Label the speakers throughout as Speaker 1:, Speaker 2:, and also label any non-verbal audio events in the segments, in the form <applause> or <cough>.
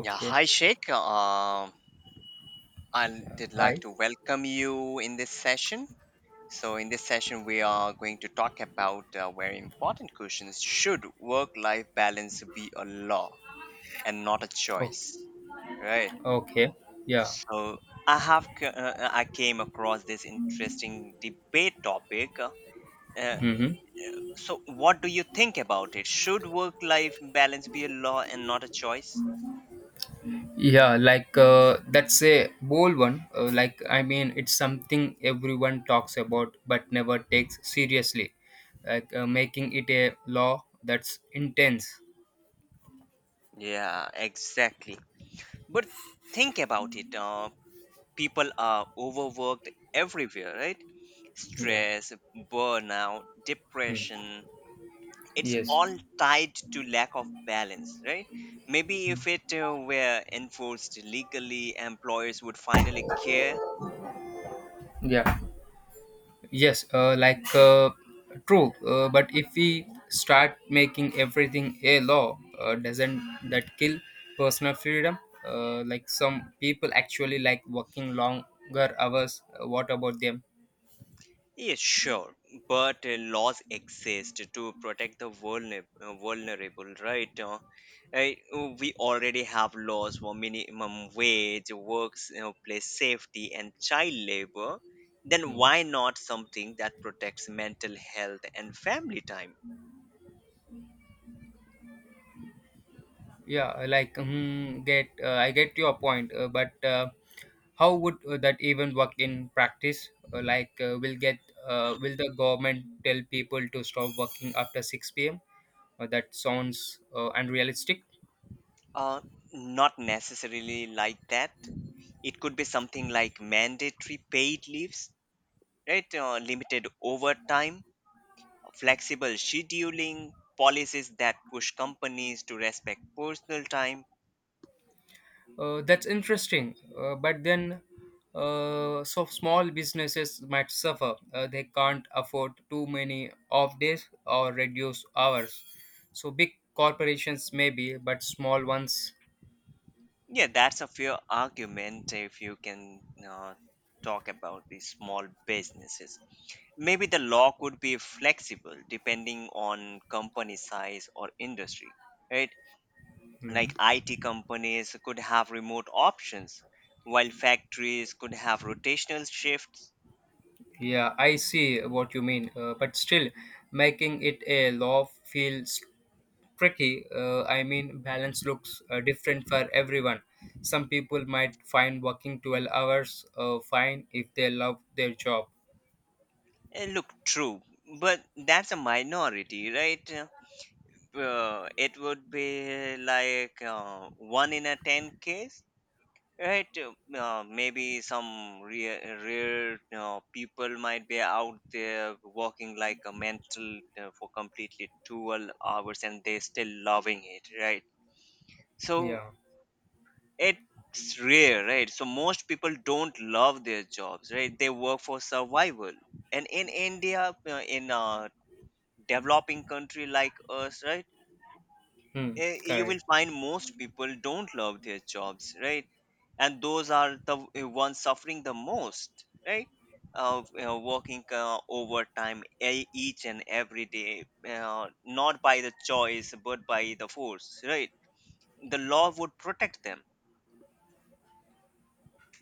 Speaker 1: Yeah, hi Sheikh. I
Speaker 2: Yeah,
Speaker 1: did like
Speaker 2: hi.
Speaker 1: to welcome you in this session. So, in this session, we are going to talk about very important questions. Should work life balance be a law and not a
Speaker 2: Okay.
Speaker 1: choice? Right.
Speaker 2: Okay. Yeah.
Speaker 1: So, I have I came across this interesting debate topic. Uh,
Speaker 2: Mm-hmm.
Speaker 1: so, what do you think about it? Should work life balance be a law and not a choice?
Speaker 2: Yeah, that's a bold one. Like I mean, it's something everyone talks about but never takes seriously. Like making it a law, that's intense.
Speaker 1: Yeah, exactly. But think about it. People are overworked everywhere, right?
Speaker 2: Yeah.
Speaker 1: Stress, burnout,
Speaker 2: Mm.
Speaker 1: depression, it's
Speaker 2: Yes.
Speaker 1: all tied to lack of balance, right? Maybe if it were enforced legally, employers would finally care.
Speaker 2: Yeah. Yes, true. But if we start making everything a law, doesn't that kill personal freedom? Like some people actually like working longer hours. What about them?
Speaker 1: Yes, sure, but laws exist to protect the vulnerable, right? We already have laws for minimum wage, works, you know, place safety, and child labor. Then
Speaker 2: Hmm.
Speaker 1: why not something that protects mental health and family time?
Speaker 2: Yeah, like hmm, get. I get your point, but how would that even work in practice? Will the government tell people to stop working after six p.m.? That sounds unrealistic.
Speaker 1: Uh, Not necessarily like that. It could be something like mandatory paid leaves, right? Limited overtime, flexible scheduling, policies that push companies to respect personal time.
Speaker 2: That's interesting. But then, so small businesses might suffer. They can't afford too many off days or reduced hours. So big corporations maybe, but small ones.
Speaker 1: Yeah, that's a fair argument if you can uh, talk about these small businesses. Maybe the law could be flexible depending on company size or industry, right?
Speaker 2: Hmm.
Speaker 1: Like IT companies could have remote options, while factories could have rotational shifts.
Speaker 2: Yeah, I see what you mean. But still, making it a law feels tricky. I mean, balance looks different for everyone. Some people might find working 12 hours fine if they love their job.
Speaker 1: Look, true, but that's a minority, right? It would be like one in a 10 case, right? Maybe some rare people might be out there walking like a mental for completely 12 hours, and they're still loving it, right? So
Speaker 2: Yeah.
Speaker 1: it's rare, right? So most people don't love their jobs, right? They work for survival. And in India, in a developing country like us, right?
Speaker 2: Hmm,
Speaker 1: You will
Speaker 2: correct.
Speaker 1: find most people don't love their jobs, right? And those are the ones suffering the most, right? You know, working overtime each and every day, not by the choice but by the force, right? The law would protect them.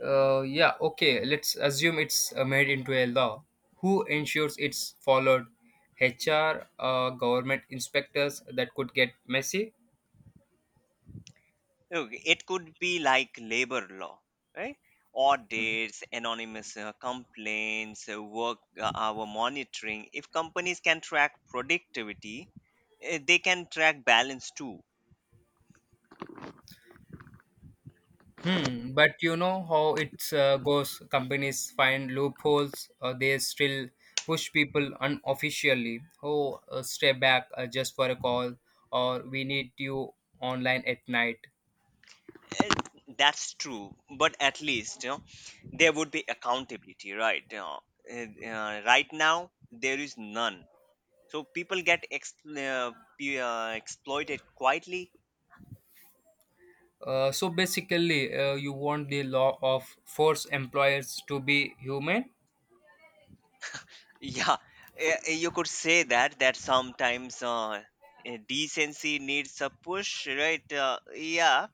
Speaker 2: Yeah, okay. Let's assume it's made into a law. Who ensures it's followed? HR, government inspectors, that could get messy.
Speaker 1: Okay, it could be like labor law, right?
Speaker 2: Hmm.
Speaker 1: Audits, anonymous complaints, work hour monitoring. If companies can track productivity, they can track balance too.
Speaker 2: Hmm, but you know how it goes. Companies find loopholes. They still push people unofficially. Oh, stay back just for a call, or we need you online at night.
Speaker 1: Uh, That's true, but at least you know there would be accountability, right? Right now there is none, so people get exploited quietly.
Speaker 2: So basically, you want the law of force employers to be human,
Speaker 1: Yeah, you could say that sometimes decency needs a push, right? Yeah,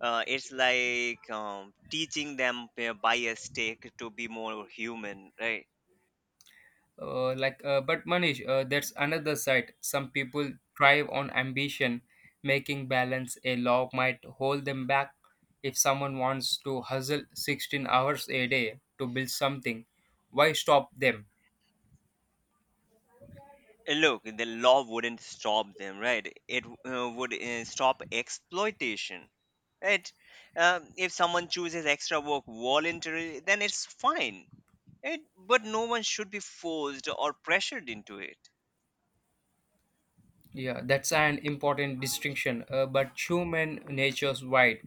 Speaker 1: uh, it's like teaching them by a stake to be more human, right?
Speaker 2: but Manish, that's another side. Some people thrive on ambition, making balance a law might hold them back. If someone wants to hustle 16 hours a day to build something, why stop them?
Speaker 1: Look, the law wouldn't stop them, right? It would stop exploitation, right? If someone chooses extra work voluntarily, then it's fine, right? But no one should be forced or pressured into it.
Speaker 2: Yeah, that's an important distinction. But human nature's wide,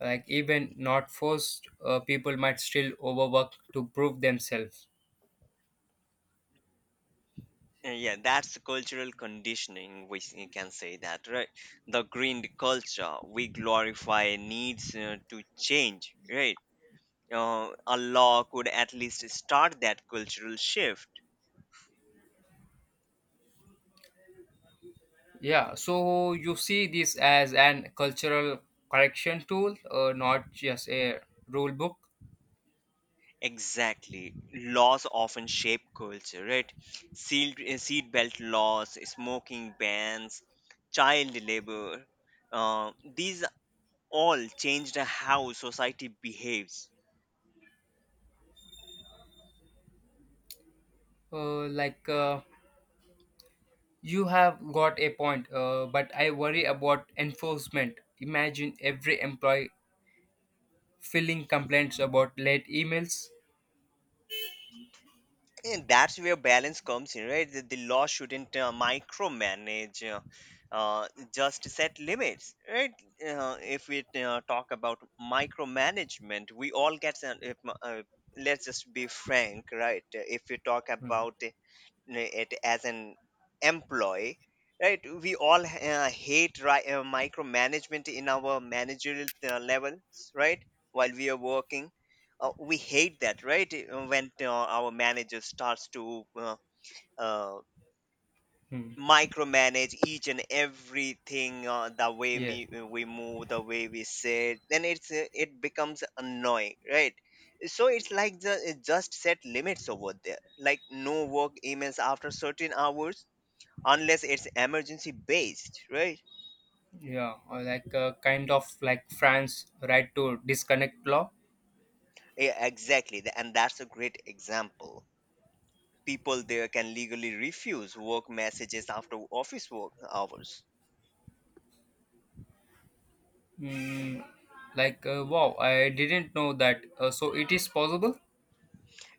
Speaker 2: like even not forced, people might still overwork to prove themselves.
Speaker 1: Yeah, that's cultural conditioning, we can say that, right? The green culture, we glorify needs to change, right? A law could at least start that cultural shift.
Speaker 2: Yeah, so you see this as an cultural correction tool, not just a rule book.
Speaker 1: Exactly. Laws often shape culture, right? Seatbelt laws, smoking bans, child labor. These all changed how society behaves.
Speaker 2: Uh, like uh, you have got a point, but I worry about enforcement. Imagine every employee filling complaints about late emails.
Speaker 1: And that's where balance comes in, right? The law shouldn't micromanage, uh, just set limits, right? If we talk about micromanagement, we all get, an, if, uh, let's just be frank, right? If we talk about it as an employee, right, we all hate micromanagement in our managerial levels, right? While we are working, we hate that, right? When our manager starts to uh,
Speaker 2: Hmm.
Speaker 1: micromanage each and everything, the way
Speaker 2: Yes,
Speaker 1: we move, the way we sit, then it becomes annoying, right? So it's like it just set limits over there, like no work emails after certain hours, unless it's emergency based, right?
Speaker 2: yeah, or like kind of like France, right to disconnect law.
Speaker 1: Yeah, exactly. And that's a great example. People there can legally refuse work messages after office work hours.
Speaker 2: Hmm. Like wow, I didn't know that. So it is possible.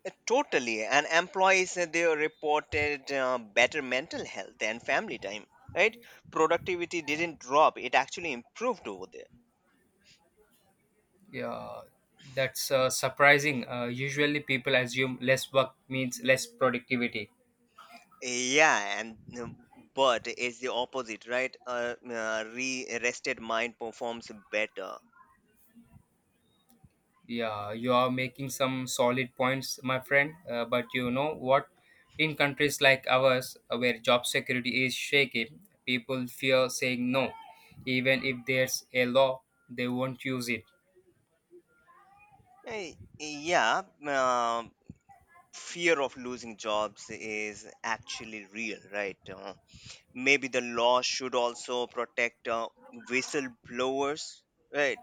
Speaker 1: Totally. And employees there reported better mental health and family time, right? Productivity didn't drop, it actually improved over there.
Speaker 2: Yeah, that's surprising. Usually, people assume less work means less productivity.
Speaker 1: Yeah, and but it's the opposite, right? Re rested mind performs better.
Speaker 2: Yeah, you are making some solid points, my friend. But you know what? In countries like ours, where job security is shaky, people fear saying no. Even if there's a law, they won't use it.
Speaker 1: Yeah, fear of losing jobs is actually real, right? Maybe the law should also protect whistleblowers, right?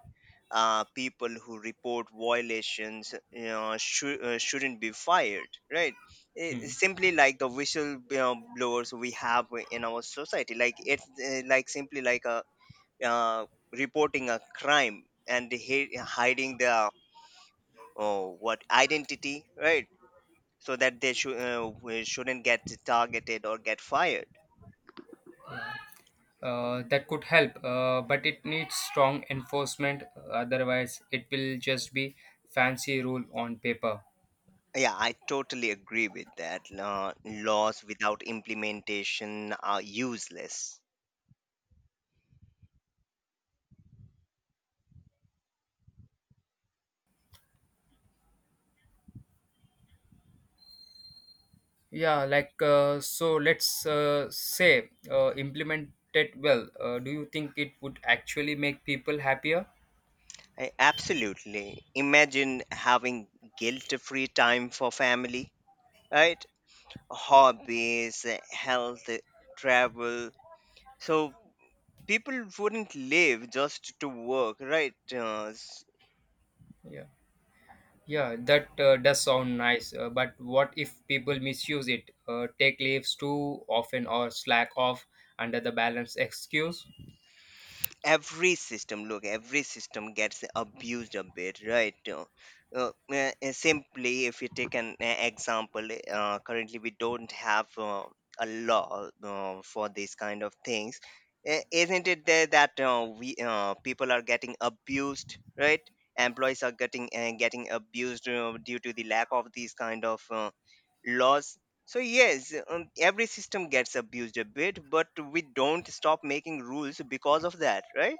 Speaker 1: People who report violations, shouldn't be fired, right?
Speaker 2: Hmm.
Speaker 1: Simply like the whistleblowers we have in our society, like it's like simply like a uh, reporting a crime and hiding their oh, what identity, right? So that they we shouldn't get targeted or get fired.
Speaker 2: That could help, but it needs strong enforcement. Otherwise, it will just be fancy rule on paper.
Speaker 1: Yeah, I totally agree with that. Laws without implementation are useless.
Speaker 2: Yeah, let's say implement it well. Do you think it would actually make people happier?
Speaker 1: Absolutely. Imagine having guilt free time for family, right? Hobbies, health, travel. So people wouldn't live just to work, right? Uh,
Speaker 2: Yeah, yeah, that does sound nice. But what if people misuse it, take leaves too often, or slack off under the balance excuse?
Speaker 1: every system look every system gets abused a bit, right? Simply if you take an example, currently we don't have a law for these kind of things. Isn't it there that we people are getting abused, right? Employees are getting getting abused due to the lack of these kind of laws. So yes, every system gets abused a bit, but we don't stop making rules because of that, right?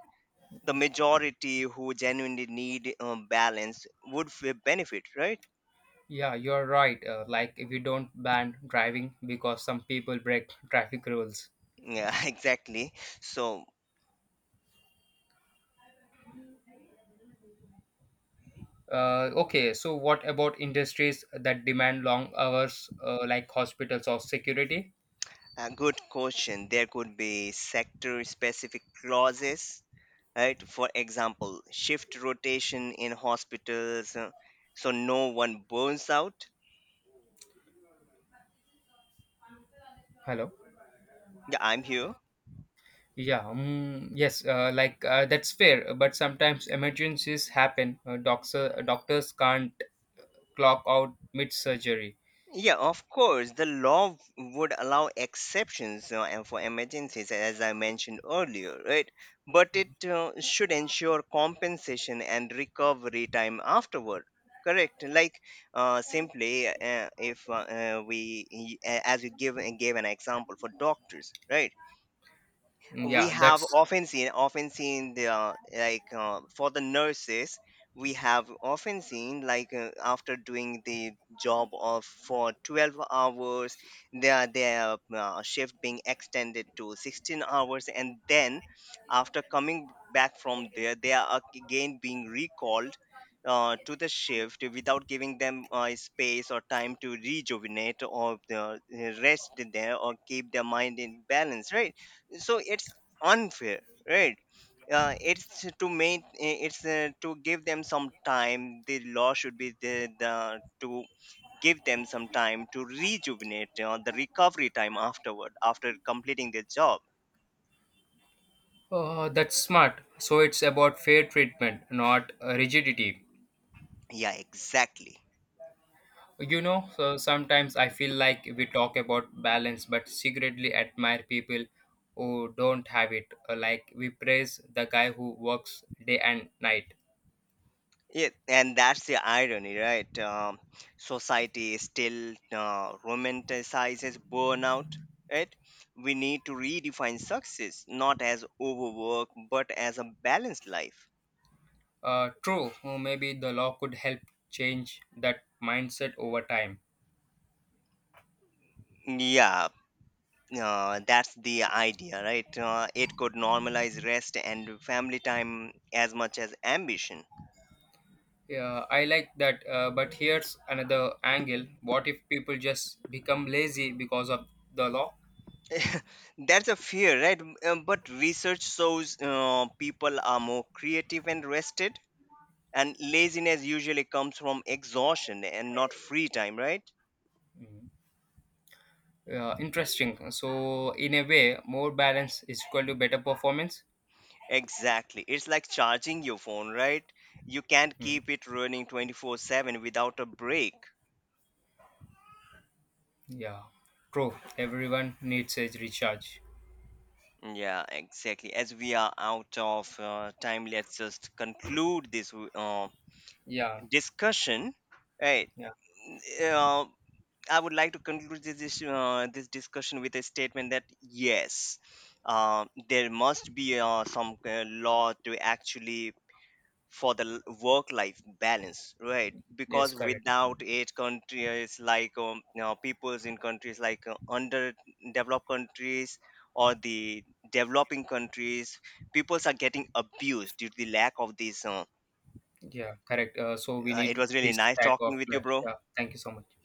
Speaker 1: The majority who genuinely need balance would benefit, right?
Speaker 2: Yeah, you're right. Like if you don't ban driving because some people break traffic rules.
Speaker 1: Yeah, <laughs> exactly. So
Speaker 2: Okay, so what about industries that demand long hours, like hospitals or security?
Speaker 1: a good question. There could be sector-specific clauses, right? For example, shift rotation in hospitals, so no one burns out.
Speaker 2: Hello.
Speaker 1: Yeah, I'm here.
Speaker 2: Yeah. Yes. That's fair. But sometimes emergencies happen. Doctors can't clock out mid surgery.
Speaker 1: Yeah, of course. The law would allow exceptions and for emergencies, as I mentioned earlier, right? But it should ensure compensation and recovery time afterward. Correct. Like simply, if we, y- a- as you give gave an example for doctors, right? We
Speaker 2: Yeah.
Speaker 1: have often seen, often seen the like for the nurses, we have often seen like after doing the job of for 12 hours, their shift being extended to 16 hours, and then after coming back from there they are again being recalled to the shift without giving them space or time to rejuvenate, or rest there, or keep their mind in balance, right? So it's unfair, right? It's to make it's To give them some time, the law should be the to give them some time to rejuvenate, you know, the recovery time afterward after completing their job.
Speaker 2: That's smart. So it's about fair treatment, not rigidity.
Speaker 1: Yeah, exactly.
Speaker 2: You know, so sometimes I feel like we talk about balance, but secretly admire people who don't have it. Like we praise the guy who works day and night.
Speaker 1: Yeah, and that's the irony, right? Um, society still romanticizes burnout, right? We need to redefine success not as overwork but as a balanced life.
Speaker 2: True, maybe the law could help change that mindset over time.
Speaker 1: Yeah, that's the idea, right? It could normalize rest and family time as much as ambition.
Speaker 2: Yeah, I like that, but here's another angle. What if people just become lazy because of the law?
Speaker 1: <laughs> That's a fear, right? But research shows people are more creative and rested, and laziness usually comes from exhaustion and not free time, right?
Speaker 2: Mhm. Yeah, interesting. So, in a way, more balance is equal to better performance.
Speaker 1: Exactly. It's like charging your phone, right? You can't
Speaker 2: Hmm.
Speaker 1: keep it running 24/7 without a break.
Speaker 2: Yeah, true. Everyone needs a recharge.
Speaker 1: Yeah, exactly. As we are out of time, let's just conclude this
Speaker 2: Yeah,
Speaker 1: discussion. Right.
Speaker 2: yeah,
Speaker 1: Uh, I would like to conclude this this discussion with a statement that yes, there must be some law to actually for the work life balance, right?
Speaker 2: yes,
Speaker 1: Because
Speaker 2: correct.
Speaker 1: without it, countries like you know, peoples in countries like underdeveloped countries or the developing countries, peoples are getting abused due to the lack of these
Speaker 2: Yeah, correct. So, we
Speaker 1: it
Speaker 2: need
Speaker 1: was really
Speaker 2: this
Speaker 1: nice
Speaker 2: type
Speaker 1: talking
Speaker 2: of
Speaker 1: with you,
Speaker 2: life.
Speaker 1: bro.
Speaker 2: Yeah, thank you so much.